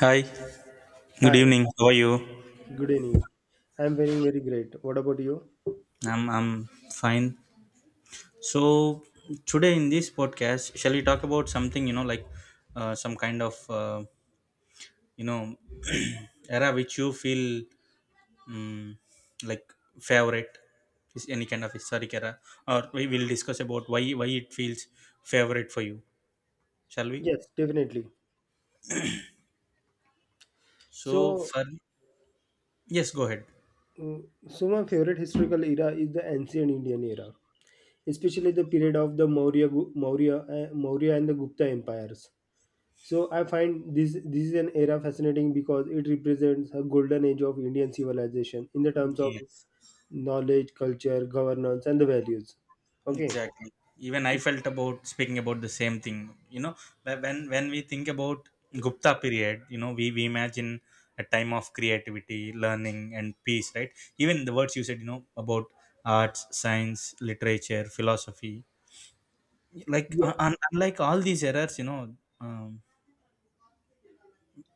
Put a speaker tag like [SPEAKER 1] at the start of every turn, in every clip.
[SPEAKER 1] Hi, good
[SPEAKER 2] Hi,
[SPEAKER 1] evening. How are you?
[SPEAKER 2] good evening. I'm feeling very great. What about you?
[SPEAKER 1] I'm fine. So today in this podcast, shall we talk about something like some kind of you know era which you feel um, like favorite is any kind of historic era, or we will discuss about why it feels favorite for you. Shall we?
[SPEAKER 2] Yes, definitely.
[SPEAKER 1] So
[SPEAKER 2] So,
[SPEAKER 1] for yes, go ahead.
[SPEAKER 2] mm, so, my favorite historical era is the ancient Indian era, especially the period of the Maurya and the Gupta empires. So, I find this is an era fascinating because it represents a golden age of Indian civilization in the terms of
[SPEAKER 1] Yes.
[SPEAKER 2] knowledge, culture, governance, and the values. Okay.
[SPEAKER 1] Exactly, even I felt about speaking about the same thing, you know when we think about Gupta period, we imagine a time of creativity, learning and peace, right? Even the words you said, about arts, science, literature, philosophy, like
[SPEAKER 2] Yeah.
[SPEAKER 1] unlike all these errors, um,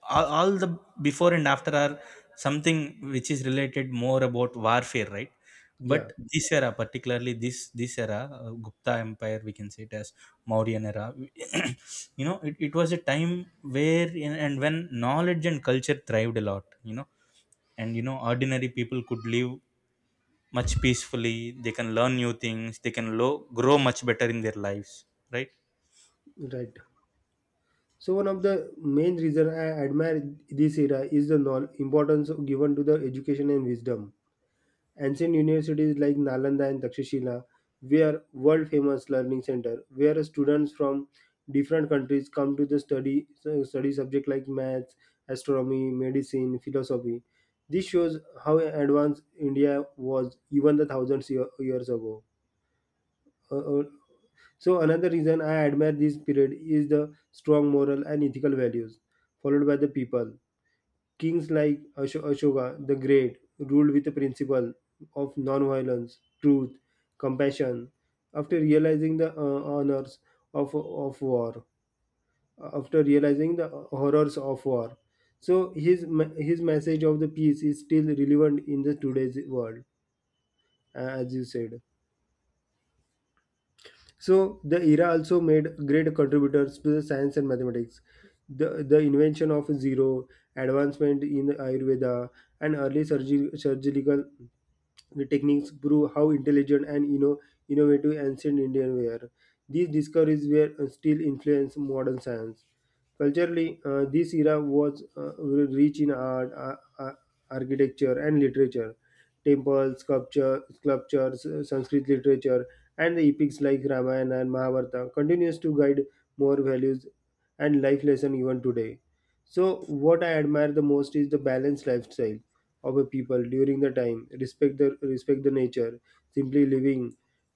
[SPEAKER 1] all the before and after are something which is related more about warfare, right? But
[SPEAKER 2] Yeah.
[SPEAKER 1] this era, particularly this era, Gupta empire, we can say it as Mauryan era. You know, it was a time where and when knowledge and culture thrived a lot, and ordinary people could live much peacefully. They can learn new things, they can grow much better in their lives, right?
[SPEAKER 2] Right. So one of the main reason I admire this era is the importance given to the education and wisdom. Ancient universities like Nalanda and Takshashila were world famous learning center where students from different countries come to the study subject like maths, astronomy, medicine, philosophy. This shows how advanced India was even the thousands years ago. Uh, uh, so another reason I admire this period is the strong moral and ethical values followed by the people. Kings like Ashoka the Great ruled with the principle of non-violence, truth, compassion. After realizing the honors of war, after realizing the horrors of war, so his his message of the peace is still relevant in the today's world, as you said. So the era also made great contributors to the science and mathematics. The invention of zero, advancement in Ayurveda, and early surgical techniques prove how intelligent and innovative ancient Indians were. These discoveries were still influence modern science. Culturally, this era was rich in art, uh, architecture, and literature temples, sculptures, Sanskrit literature, and the epics like Ramayana and Mahabharata continues to guide more values and life lesson even today. So, what I admire the most is the balanced lifestyle of a people during the time, respect the nature, simply living,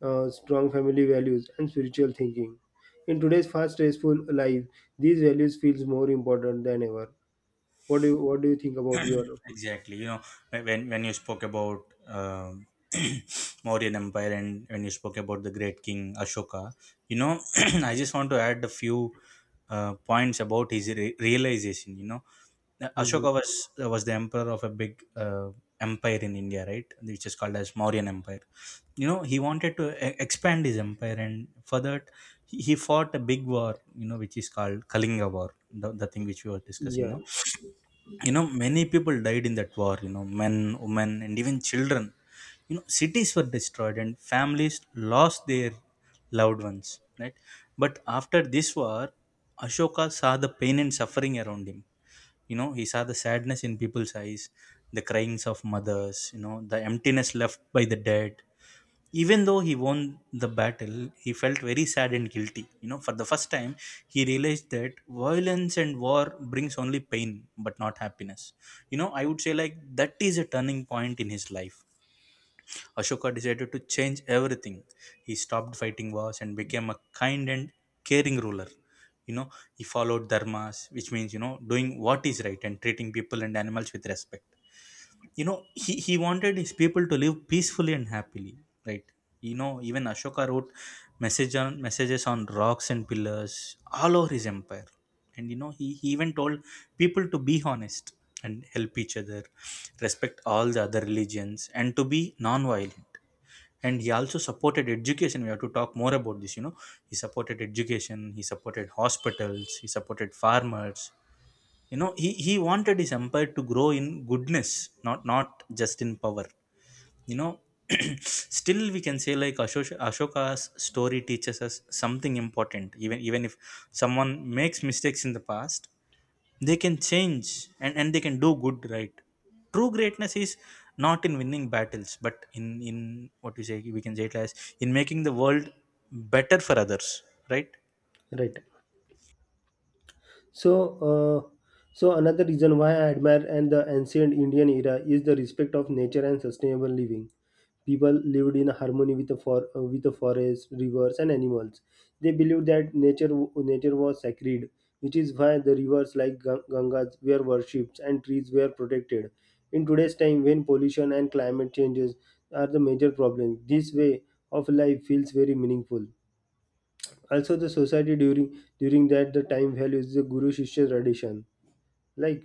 [SPEAKER 2] strong family values, and spiritual thinking. In today's fast, stressful life, these values feels more important than ever. What do you think about your?
[SPEAKER 1] Exactly, when you spoke about um Mauryan empire, and when you spoke about the great King Ashoka, you know I just want to add a few points about his realization, you know.
[SPEAKER 2] Mhm.
[SPEAKER 1] Ashoka was the emperor of a big uh, empire in India, right, which is called as Mauryan empire. You know, he wanted to expand his empire, and for that, he fought a big war, you know, which is called Kalinga war, the thing which we were discussing
[SPEAKER 2] Yeah,
[SPEAKER 1] now. You know, many people died in that war, you know, men, women and even children. You know, cities were destroyed and families lost their loved ones, right? But after this war, Ashoka saw the pain and suffering around him. You know, he saw the sadness in people's eyes, the cryings of mothers, you know, the emptiness left by the dead. Even though he won the battle, he felt very sad and guilty. You know, for the first time, he realized that violence and war brings only pain but not happiness. You know, I would say like that is a turning point in his life. Ashoka decided to change everything. He stopped fighting wars and became a kind and caring ruler. You know, he followed dharmas, which means, you know, doing what is right and treating people and animals with respect. You know, he wanted his people to live peacefully and happily, right? You know, even Ashoka wrote messages on rocks and pillars all over his empire. And you know, he even told people to be honest and help each other, respect all the other religions and to be non-violent. And he also supported education, we have to talk more about this, you know. He supported education, he supported hospitals, he supported farmers. You know, he wanted his empire to grow in goodness, not not just in power, you know. Still we can say like Ashoka's story teaches us something important. Even if someone makes mistakes in the past, they can change, and they can do good, right? True greatness is not in winning battles but in what we say, we can say it as in making the world better for others, right?
[SPEAKER 2] right. So, uh, so another reason why I admire and the ancient Indian era is the respect of nature and sustainable living. People lived in harmony with the forests, rivers, and animals. They believed that nature nature was sacred, which is why the rivers like Gangas were worshipped and trees were protected. In today's time, when pollution and climate changes are the major problems, this way of life feels very meaningful. Also, the society during that the time values the guru shishya tradition like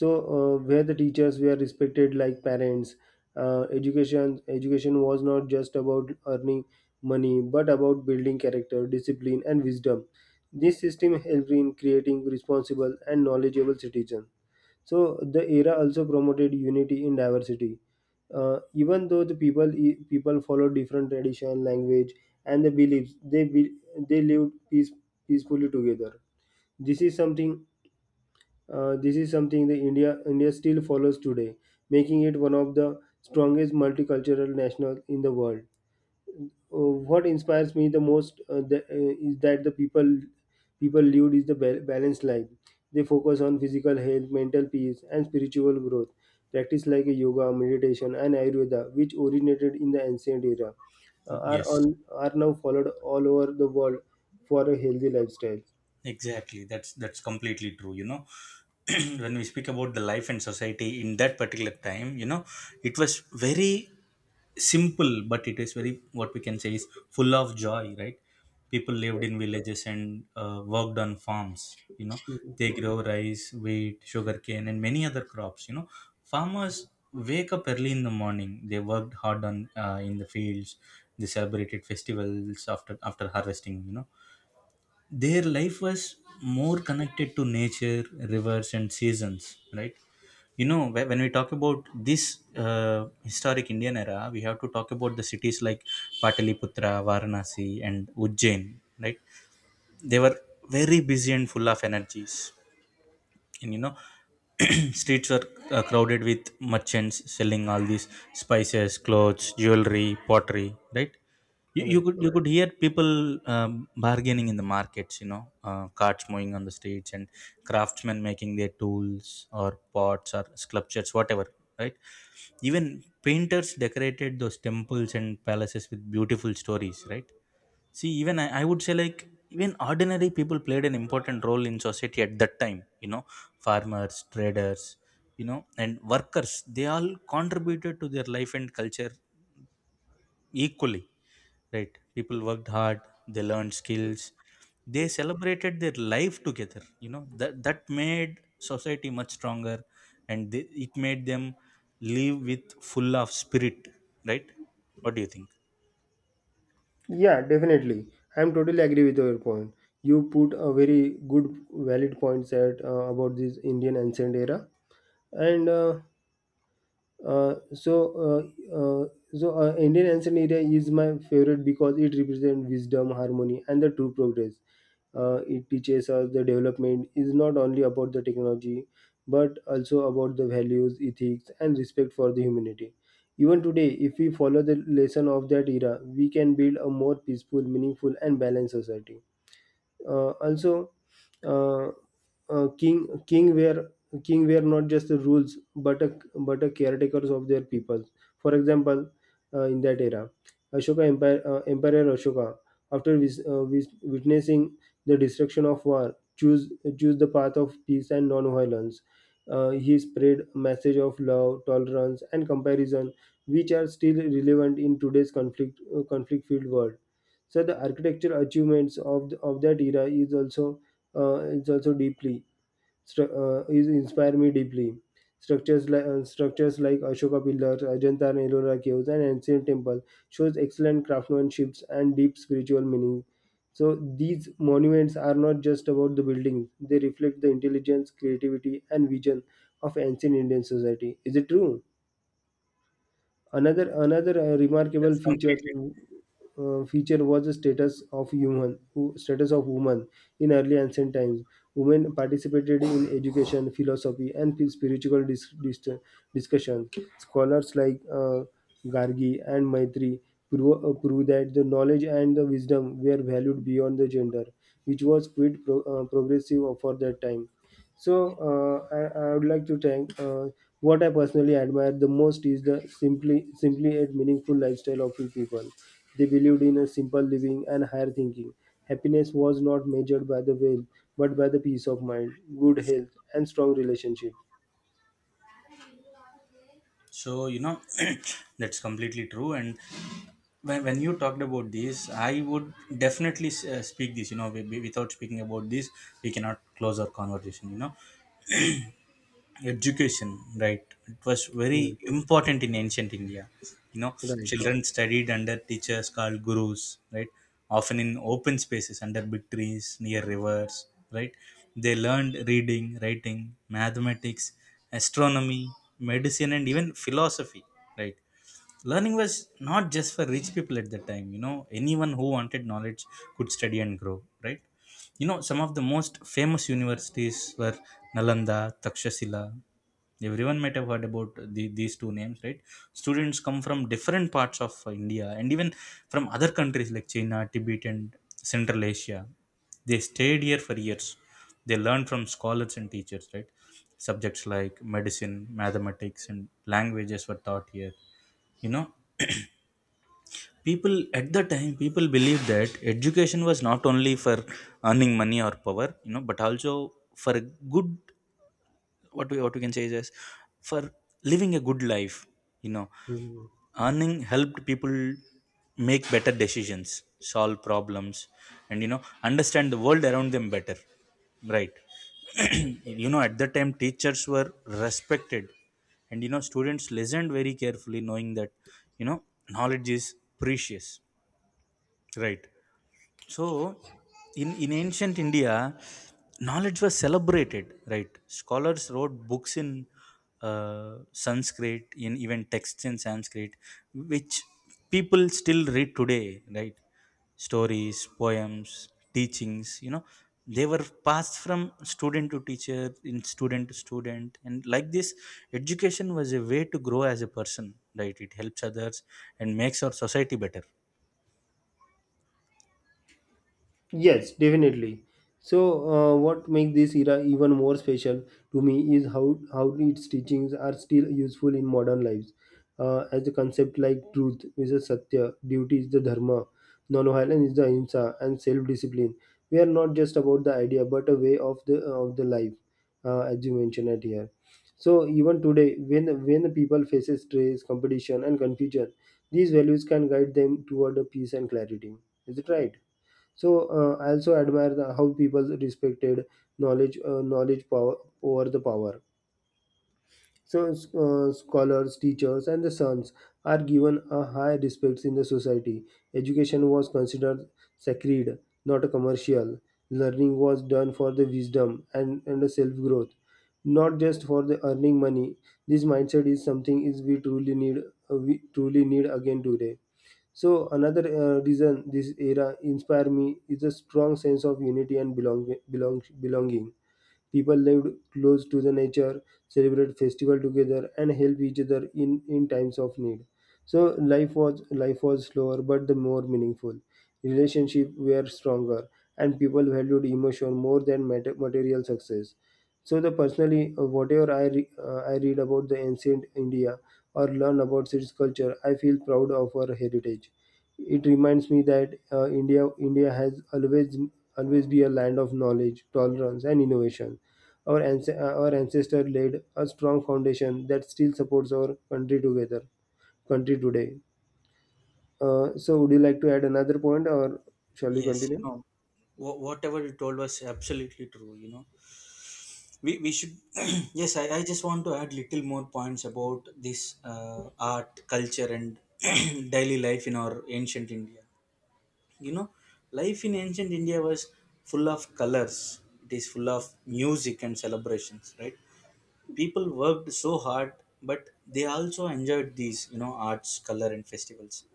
[SPEAKER 2] so where the teachers were respected like parents education was not just about earning money but about building character, discipline, and wisdom. This system helped in creating responsible and knowledgeable citizens. So the era also promoted unity in diversity. Even though the people follow different tradition language and the beliefs, they lived peacefully together. This is something, this is something that India still follows today, making it one of the strongest multicultural national in the world. What inspires me the most is that the people lived is the balanced life. They focus on physical health, mental peace, and spiritual growth. Practice like yoga, meditation, and Ayurveda, which originated in the ancient era, uh, are
[SPEAKER 1] Yes.
[SPEAKER 2] on are now followed all over the world for a healthy lifestyle.
[SPEAKER 1] Exactly, that's completely true, you know. When we speak about the life and society in that particular time, you know, it was very simple but it is very, what we can say is, full of joy, right? People lived in villages and worked on farms. You know,
[SPEAKER 2] Mhm.
[SPEAKER 1] they grow rice, wheat, sugarcane and many other crops. You know, farmers wake up early in the morning, they worked hard on in the fields, they celebrated festivals after harvesting. You know, their life was more connected to nature, rivers and seasons, right? You know, when we talk about this historic Indian era, we have to talk about the cities like Pataliputra, Varanasi and Ujjain, right? They were very busy and full of energies. And you know, streets are crowded with merchants selling all these spices, clothes, jewelry, pottery, right? you, you
[SPEAKER 2] Right.
[SPEAKER 1] could you could hear people um, bargaining in the markets, you know, carts moving on the streets, and craftsmen making their tools or pots or sculptures, whatever, right? Even painters decorated those temples and palaces with beautiful stories, right? See, even I would say like even ordinary people played an important role in society at that time. You know, farmers, traders, you know, and workers. They all contributed to their life and culture equally. Right? People worked hard. They learned skills. They celebrated their life together. You know, that made society much stronger, and it made them live with full of spirit. Right? What do you think?
[SPEAKER 2] Yeah, definitely. I am totally agree with your point. You put a very good, valid points at about this Indian ancient era, and uh, uh, so, uh, uh, so uh, Indian ancient area is my favorite because it represents wisdom, harmony, and the true progress. It teaches us the development is not only about the technology, but also about the values, ethics, and respect for the humanity. Even today, if we follow the lesson of that era, we can build a more peaceful, meaningful, and balanced society, also uh, uh, king king were king were not just the rules but a caretakers of their people. For example, in that era, ashoka empire emperor Ashoka, after witnessing the destruction of war, choose choose the path of peace and non-violence. Uh, he spread message of love, tolerance, and comparison, which are still relevant in today's conflict filled world. So the architecture achievements of that era is also deeply is inspire me deeply. Structures like Ashoka pillars, Ajanta and Ellora caves, and ancient temple shows excellent craftsmanships and deep spiritual meaning. So these monuments are not just about the buildings; they reflect the intelligence, creativity, and vision of ancient Indian society. Is it true? Another remarkable
[SPEAKER 1] That's
[SPEAKER 2] feature
[SPEAKER 1] completely
[SPEAKER 2] uh, feature was the status of woman in early ancient times. Women participated in education, philosophy, and spiritual discussions. Scholars like Gargi and Maitri prove that the knowledge and the wisdom were valued beyond the gender, which was quite progressive for that time. So, I would like to thank. What I personally admire the most is the simply and meaningful lifestyle of you people. They believed in a simple living and higher thinking. Happiness was not measured by the wealth, but by the peace of mind, good health, and strong relationship.
[SPEAKER 1] So, you know, that's completely true. And when you talked about this, I would definitely speak this, you know, without speaking about this, we cannot close our conversation, you know. Education, right? It was very
[SPEAKER 2] Mm.
[SPEAKER 1] important in ancient India. You know,
[SPEAKER 2] Right.
[SPEAKER 1] children studied under teachers called gurus, right? Often in open spaces under big trees, near rivers, right? They learned reading, writing, mathematics, astronomy, medicine, and even philosophy, right? Learning was not just for rich people at that time. You know, anyone who wanted knowledge could study and grow, right? You know, some of the most famous universities were Nalanda, Takshashila, everyone might have heard about these two names, right? Students come from different parts of India and even from other countries like China, Tibet and Central Asia. They stayed here for years, they learned from scholars and teachers, right? Subjects like medicine, mathematics and languages were taught here, you know. People at the time People believed that education was not only for earning money or power, you know, but also for a good, what we can say is, for living a good life, you know.
[SPEAKER 2] Mm.
[SPEAKER 1] Earning helped people make better decisions, solve problems, and you know, understand the world around them better, right? You know, at that time teachers were respected, and you know, students listened very carefully, knowing that, you know, knowledge is precious, right? So, in ancient India, knowledge was celebrated, right? Scholars wrote books in Sanskrit, in even texts in Sanskrit, which people still read today, right? Stories, poems, teachings, you know, they were passed from student to teacher, in student to student. And like this, education was a way to grow as a person, right? It helps others and makes our society better.
[SPEAKER 2] Yes, definitely. So, what makes this era even more special to me is how its teachings are still useful in modern lives, as a concept like truth is a satya, duty is the dharma, non-violence is the ahimsa, and self-discipline. We are not just about the idea, but a way of the life, as you mentioned it here. So, even today, when people faces stress, competition, and confusion, these values can guide them toward a peace and clarity. Is it right? So I also admire how people respected knowledge, knowledge power over the power. So scholars, teachers, and the sons are given a high respect in the society. Education was considered sacred, not a commercial. Learning was done for the wisdom and the self growth, not just for the earning money. This mindset is something is we truly need again today. So another reason this era inspired me is a strong sense of unity and belonging. People lived close to the nature, celebrated festival together, and helped each other in times of need. So life was slower, but the more meaningful. Relationships were stronger, and people valued emotion more than material success. So the personally, whatever I read about the ancient India or learn about its culture, I feel proud of our heritage. It reminds me that India has always be a land of knowledge, tolerance, and innovation. Our ancestor laid a strong foundation that still supports our country today. So, would you like to add another point, or shall we
[SPEAKER 1] Yes, you
[SPEAKER 2] continue?
[SPEAKER 1] know, whatever you told was absolutely true. You know, we should, yes, I just want to add little more points about this art, culture, and daily life in our ancient India. You know, life in ancient India was full of colors, it is full of music and celebrations, right? People worked so hard, but they also enjoyed these, you know, arts, color, and festivals,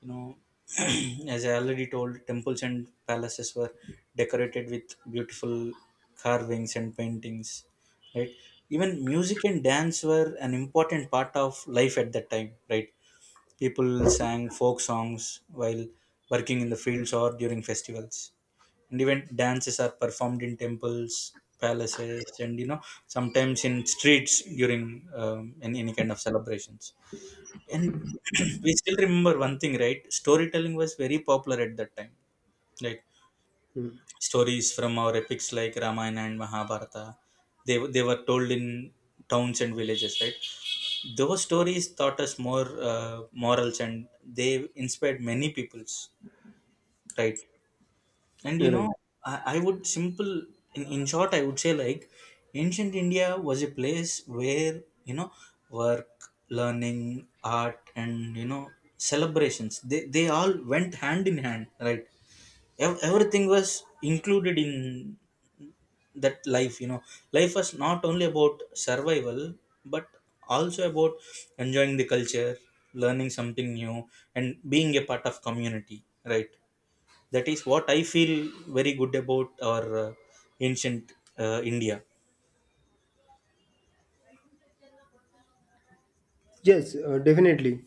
[SPEAKER 1] you know. As I already told, temples and palaces were decorated with beautiful carvings and paintings, right? Even music and dance were an important part of life at that time, right? People sang folk songs while working in the fields or during festivals, and even dances are performed in temples, palaces and you know, sometimes in streets during in any kind of celebrations. And we still remember one thing, right? Storytelling was very popular at that time. Like
[SPEAKER 2] Hmm.
[SPEAKER 1] stories from our epics like Ramayana and Mahabharata, they were told in towns and villages, right? Those stories taught us more morals, and they inspired many peoples, right? And you
[SPEAKER 2] Right.
[SPEAKER 1] know, I would simple in short, I would say like ancient India was a place where you know, work, learning, art, and you know, celebrations, they all went hand in hand, right? Everything was included in that life. You know, life was not only about survival but also about enjoying the culture, learning something new, and being a part of community, right? That is what I feel very good about our ancient India.
[SPEAKER 2] Yes, definitely.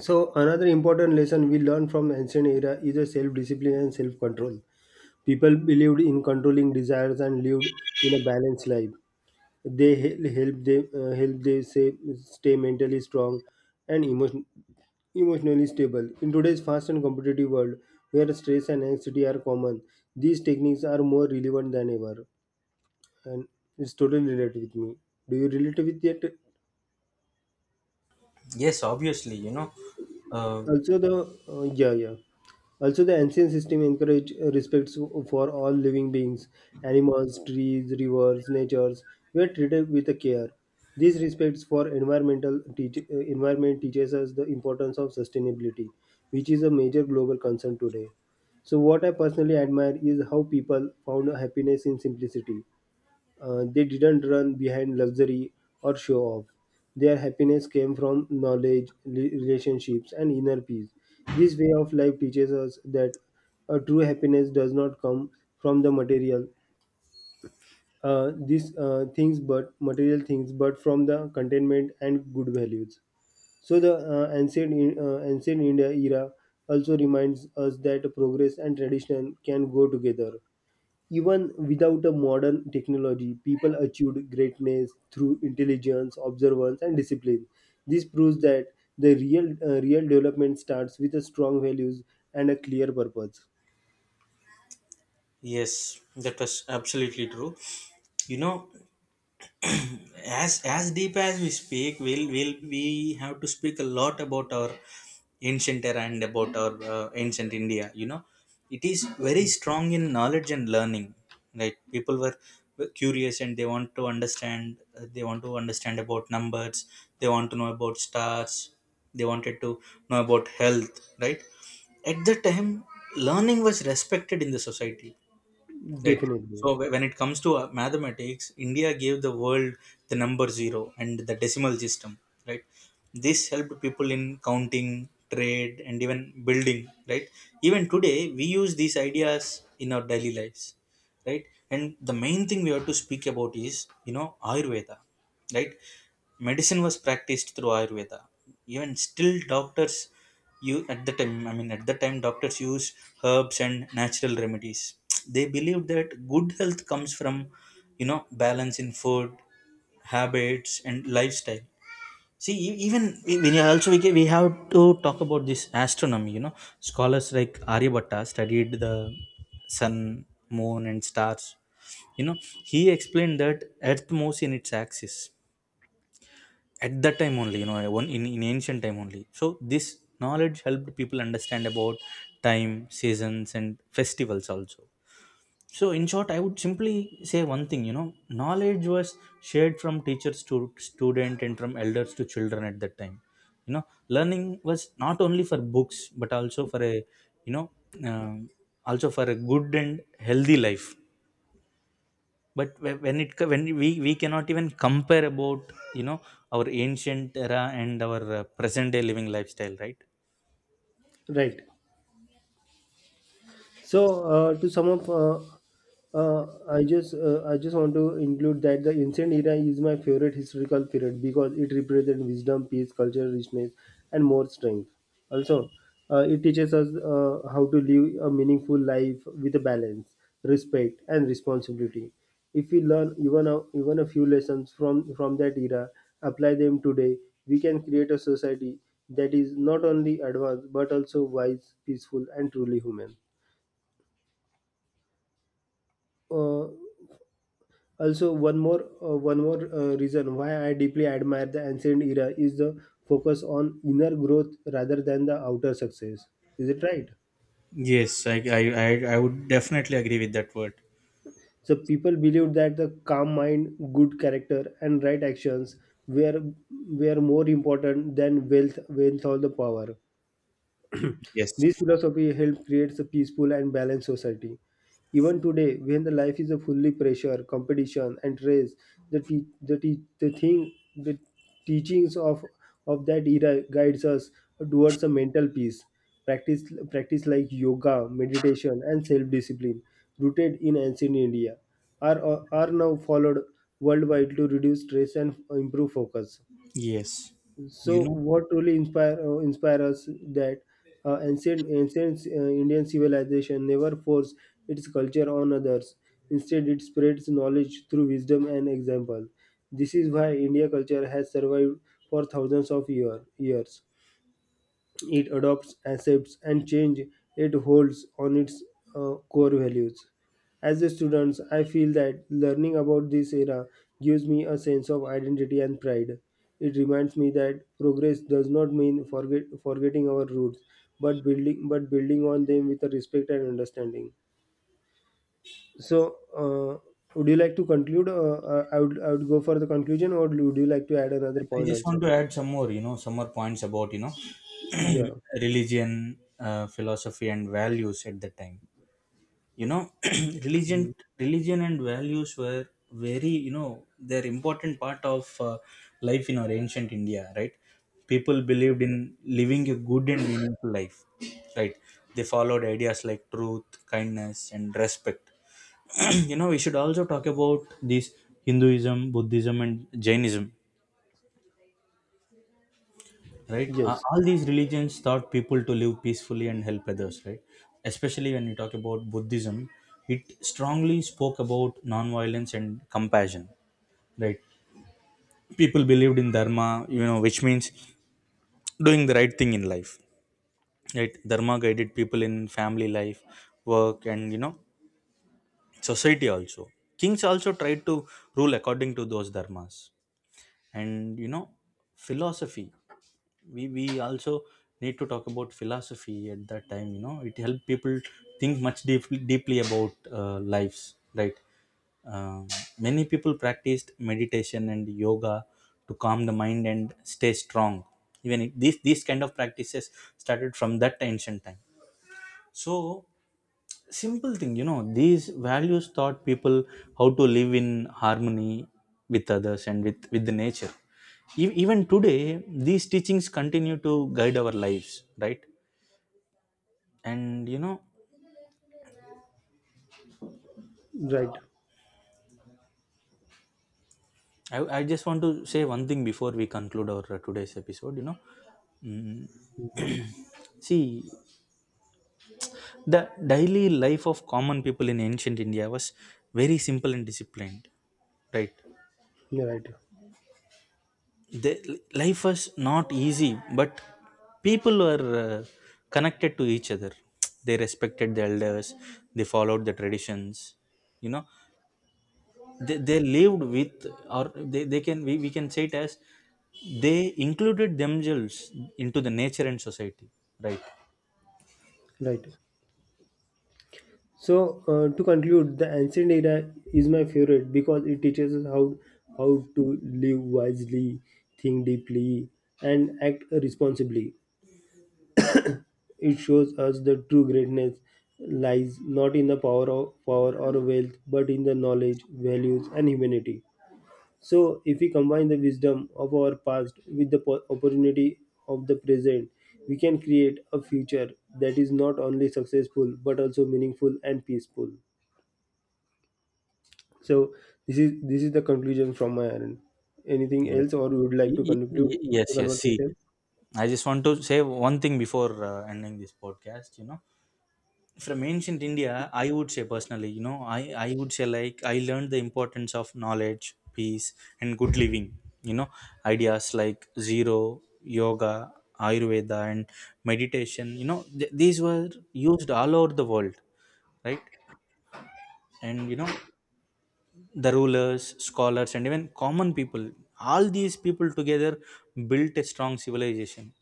[SPEAKER 2] So another important lesson we learn from ancient era is a self-discipline and self-control. People believed in controlling desires and lived in a balanced life. They hel- help they say stay mentally strong and emotionally stable in today's fast and competitive world, where stress and anxiety are common. These techniques are more relevant than ever, and it's totally related with me. Do you relate with it?
[SPEAKER 1] Yes, obviously, you know, uh,
[SPEAKER 2] Also, the Yeah, yeah. Also, the ancient system encouraged respect for all living beings, animals, trees, rivers, natures were treated with care. These respects for environment teaches us the importance of sustainability, which is a major global concern today. So, what I personally admire is how people found happiness in simplicity. They didn't run behind luxury or show off. Their happiness came from knowledge, relationships, and inner peace. This way of life teaches us that a true happiness does not come from the material things, but from the contentment and good values. So the ancient India era also reminds us that progress and tradition can go together. Even without a modern technology, people achieved greatness through intelligence, observance, and discipline. This proves that the real development starts with a strong values and a clear purpose.
[SPEAKER 1] Yes, that was absolutely true. You know, as deep as we speak, we have to speak a lot about our ancient era and about our ancient India. You know, it is very strong in knowledge and learning. Right, people were curious and they want to understand. They want to understand about numbers. They want to know about stars. They wanted to know about health. Right, at the time, learning was respected in the society. Right.
[SPEAKER 2] Definitely,
[SPEAKER 1] So when it comes to mathematics, India gave the world the number zero and the decimal system. Right. This helped people in counting, trade, and even building. Right. Even today, we use these ideas in our daily lives. Right. And the main thing we have to speak about is, Ayurveda. Right, medicine was practiced through ayurveda, even still doctors, you at the time I mean at the time doctors use herbs and natural remedies. They believe that good health comes from, you know, balance in food habits and lifestyle. See, even when you also we, ca- we have to talk about this astronomy, you know, scholars like Aryabhatta studied the sun, moon and stars. You know, he explained that earth moves in its axis at that time only, you know, in ancient time only. So this knowledge helped people understand about time, seasons and festivals also. So in short, I would simply say one thing. You know, knowledge was shared from teachers to student and from elders to children at that time. You know, learning was not only for books but also for a, you know um also for a good and healthy life. But when we cannot even compare about, you know, our ancient era and our present day living lifestyle, right?
[SPEAKER 2] right. So to sum up, I just want to include that the ancient era is my favorite historical period because it represents wisdom, peace, cultural richness, and more strength. Also, it teaches us how to live a meaningful life with a balance, respect, and responsibility. If we learn even a few lessons from that era, apply them today, we can create a society that is not only advanced but also wise, peaceful, and truly human. uh, also, one more reason why I deeply admire the ancient era is the focus on inner growth rather than the outer success. Is it right?
[SPEAKER 1] Yes, I would definitely agree with that word.
[SPEAKER 2] So people believed that the calm mind, good character, and right actions were were more important than wealth or the power.
[SPEAKER 1] Yes,
[SPEAKER 2] This philosophy helped create a peaceful and balanced society. Even today, when the life is a fully pressure, competition, and race, the te- the, te- the thing the teachings of that era guides us towards a mental peace. Practice practice like yoga, meditation, and self discipline, rooted in ancient India, are now followed worldwide to reduce stress and improve focus.
[SPEAKER 1] yes. You
[SPEAKER 2] So,
[SPEAKER 1] know,
[SPEAKER 2] what really inspire us that ancient Indian civilization never forced its culture on others. Instead, it spreads knowledge through wisdom and example. This is why India culture has survived for thousands of years. It adopts, accepts, and change it holds on its core values. As a student, I feel that learning about this era gives me a sense of identity and pride. It reminds me that progress does not mean forgetting our roots, but building on them with a respect and understanding. So, would you like to conclude? I would go for the conclusion, or would you like to add another
[SPEAKER 1] I
[SPEAKER 2] point
[SPEAKER 1] just want
[SPEAKER 2] also?
[SPEAKER 1] to add some more, you know, some more points about, you know,
[SPEAKER 2] Yeah.
[SPEAKER 1] religion, philosophy, and values at that time. You know, religion
[SPEAKER 2] Mhm.
[SPEAKER 1] religion and values were very, you know, they're important part of life in our ancient India, right? People believed in living a good and meaningful life, right? They followed ideas like truth, kindness and respect. You know, we should also talk about this Hinduism, Buddhism and Jainism. Right.
[SPEAKER 2] Yes.
[SPEAKER 1] All these religions taught people to live peacefully and help others, right? Especially when you talk about Buddhism, it strongly spoke about non-violence and compassion, right? People believed in dharma, you know, which means doing the right thing in life, right? Dharma guided people in family life, work and, you know, society also. Kings also tried to rule according to those dharmas. And, you know, philosophy, we also need to talk about philosophy at that time. You know, it helped people think much deeply about lives, right? Um Many people practiced meditation and yoga to calm the mind and stay strong, even if these kind of practices started from that ancient time. So simple thing, you know, these values taught people how to live in harmony with others and with the nature. Even today these teachings continue to guide our lives, right? And,
[SPEAKER 2] Right.
[SPEAKER 1] I just want to say one thing before we conclude our today's episode. You know, Mm,
[SPEAKER 2] Mhm.
[SPEAKER 1] see, the daily life of common people in ancient India was very simple and disciplined, right?
[SPEAKER 2] Right.
[SPEAKER 1] The life was not easy, but people were connected to each other. They respected the elders, they followed the traditions. You know, they lived with or they can we can say it as they included themselves into the nature and society, right?
[SPEAKER 2] Right. So to conclude, the ancient era is my favorite because it teaches us how to live wisely, think deeply, and act responsibly. It shows us the true greatness lies not in the power of power or wealth, but in the knowledge, values, and humanity. So if we combine the wisdom of our past with the opportunity of the present, we can create a future that is not only successful but also meaningful and peaceful. So this is the conclusion from my end. Anything
[SPEAKER 1] Yes.
[SPEAKER 2] else, or you would like
[SPEAKER 1] Y-
[SPEAKER 2] to
[SPEAKER 1] y-
[SPEAKER 2] conclude
[SPEAKER 1] y- yes
[SPEAKER 2] the
[SPEAKER 1] yes see,
[SPEAKER 2] conversation?
[SPEAKER 1] I just want to say one thing before ending this podcast. You know, from ancient India, I would say personally, you know, I would say like I learned the importance of knowledge, peace, and good living. You know, ideas like zero, yoga, Ayurveda, and meditation, you know, these were used all over the world, right? And, you know, the rulers, scholars, and even common people, all these people together built a strong civilization.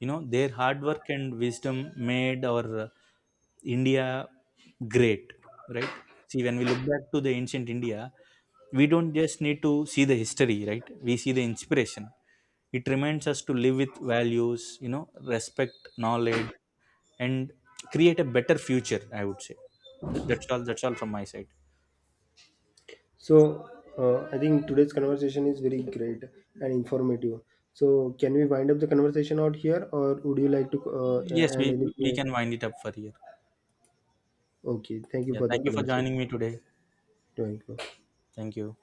[SPEAKER 1] You know, their hard work and wisdom made our India great, right? See, when we look back to the ancient India, we don't just need to see the history, right? We see the inspiration. It reminds us to live with values, you know, respect knowledge and create a better future, I would say. That's all, from my side.
[SPEAKER 2] So I think today's conversation is very great and informative. So can we wind up the conversation out here, or would you like to
[SPEAKER 1] Yes, we
[SPEAKER 2] end anything
[SPEAKER 1] we
[SPEAKER 2] else?
[SPEAKER 1] can wind it up for here.
[SPEAKER 2] Okay, thank you
[SPEAKER 1] Yeah,
[SPEAKER 2] for the
[SPEAKER 1] thank you for
[SPEAKER 2] conversation.
[SPEAKER 1] joining me today.
[SPEAKER 2] Thank you.
[SPEAKER 1] Thank you.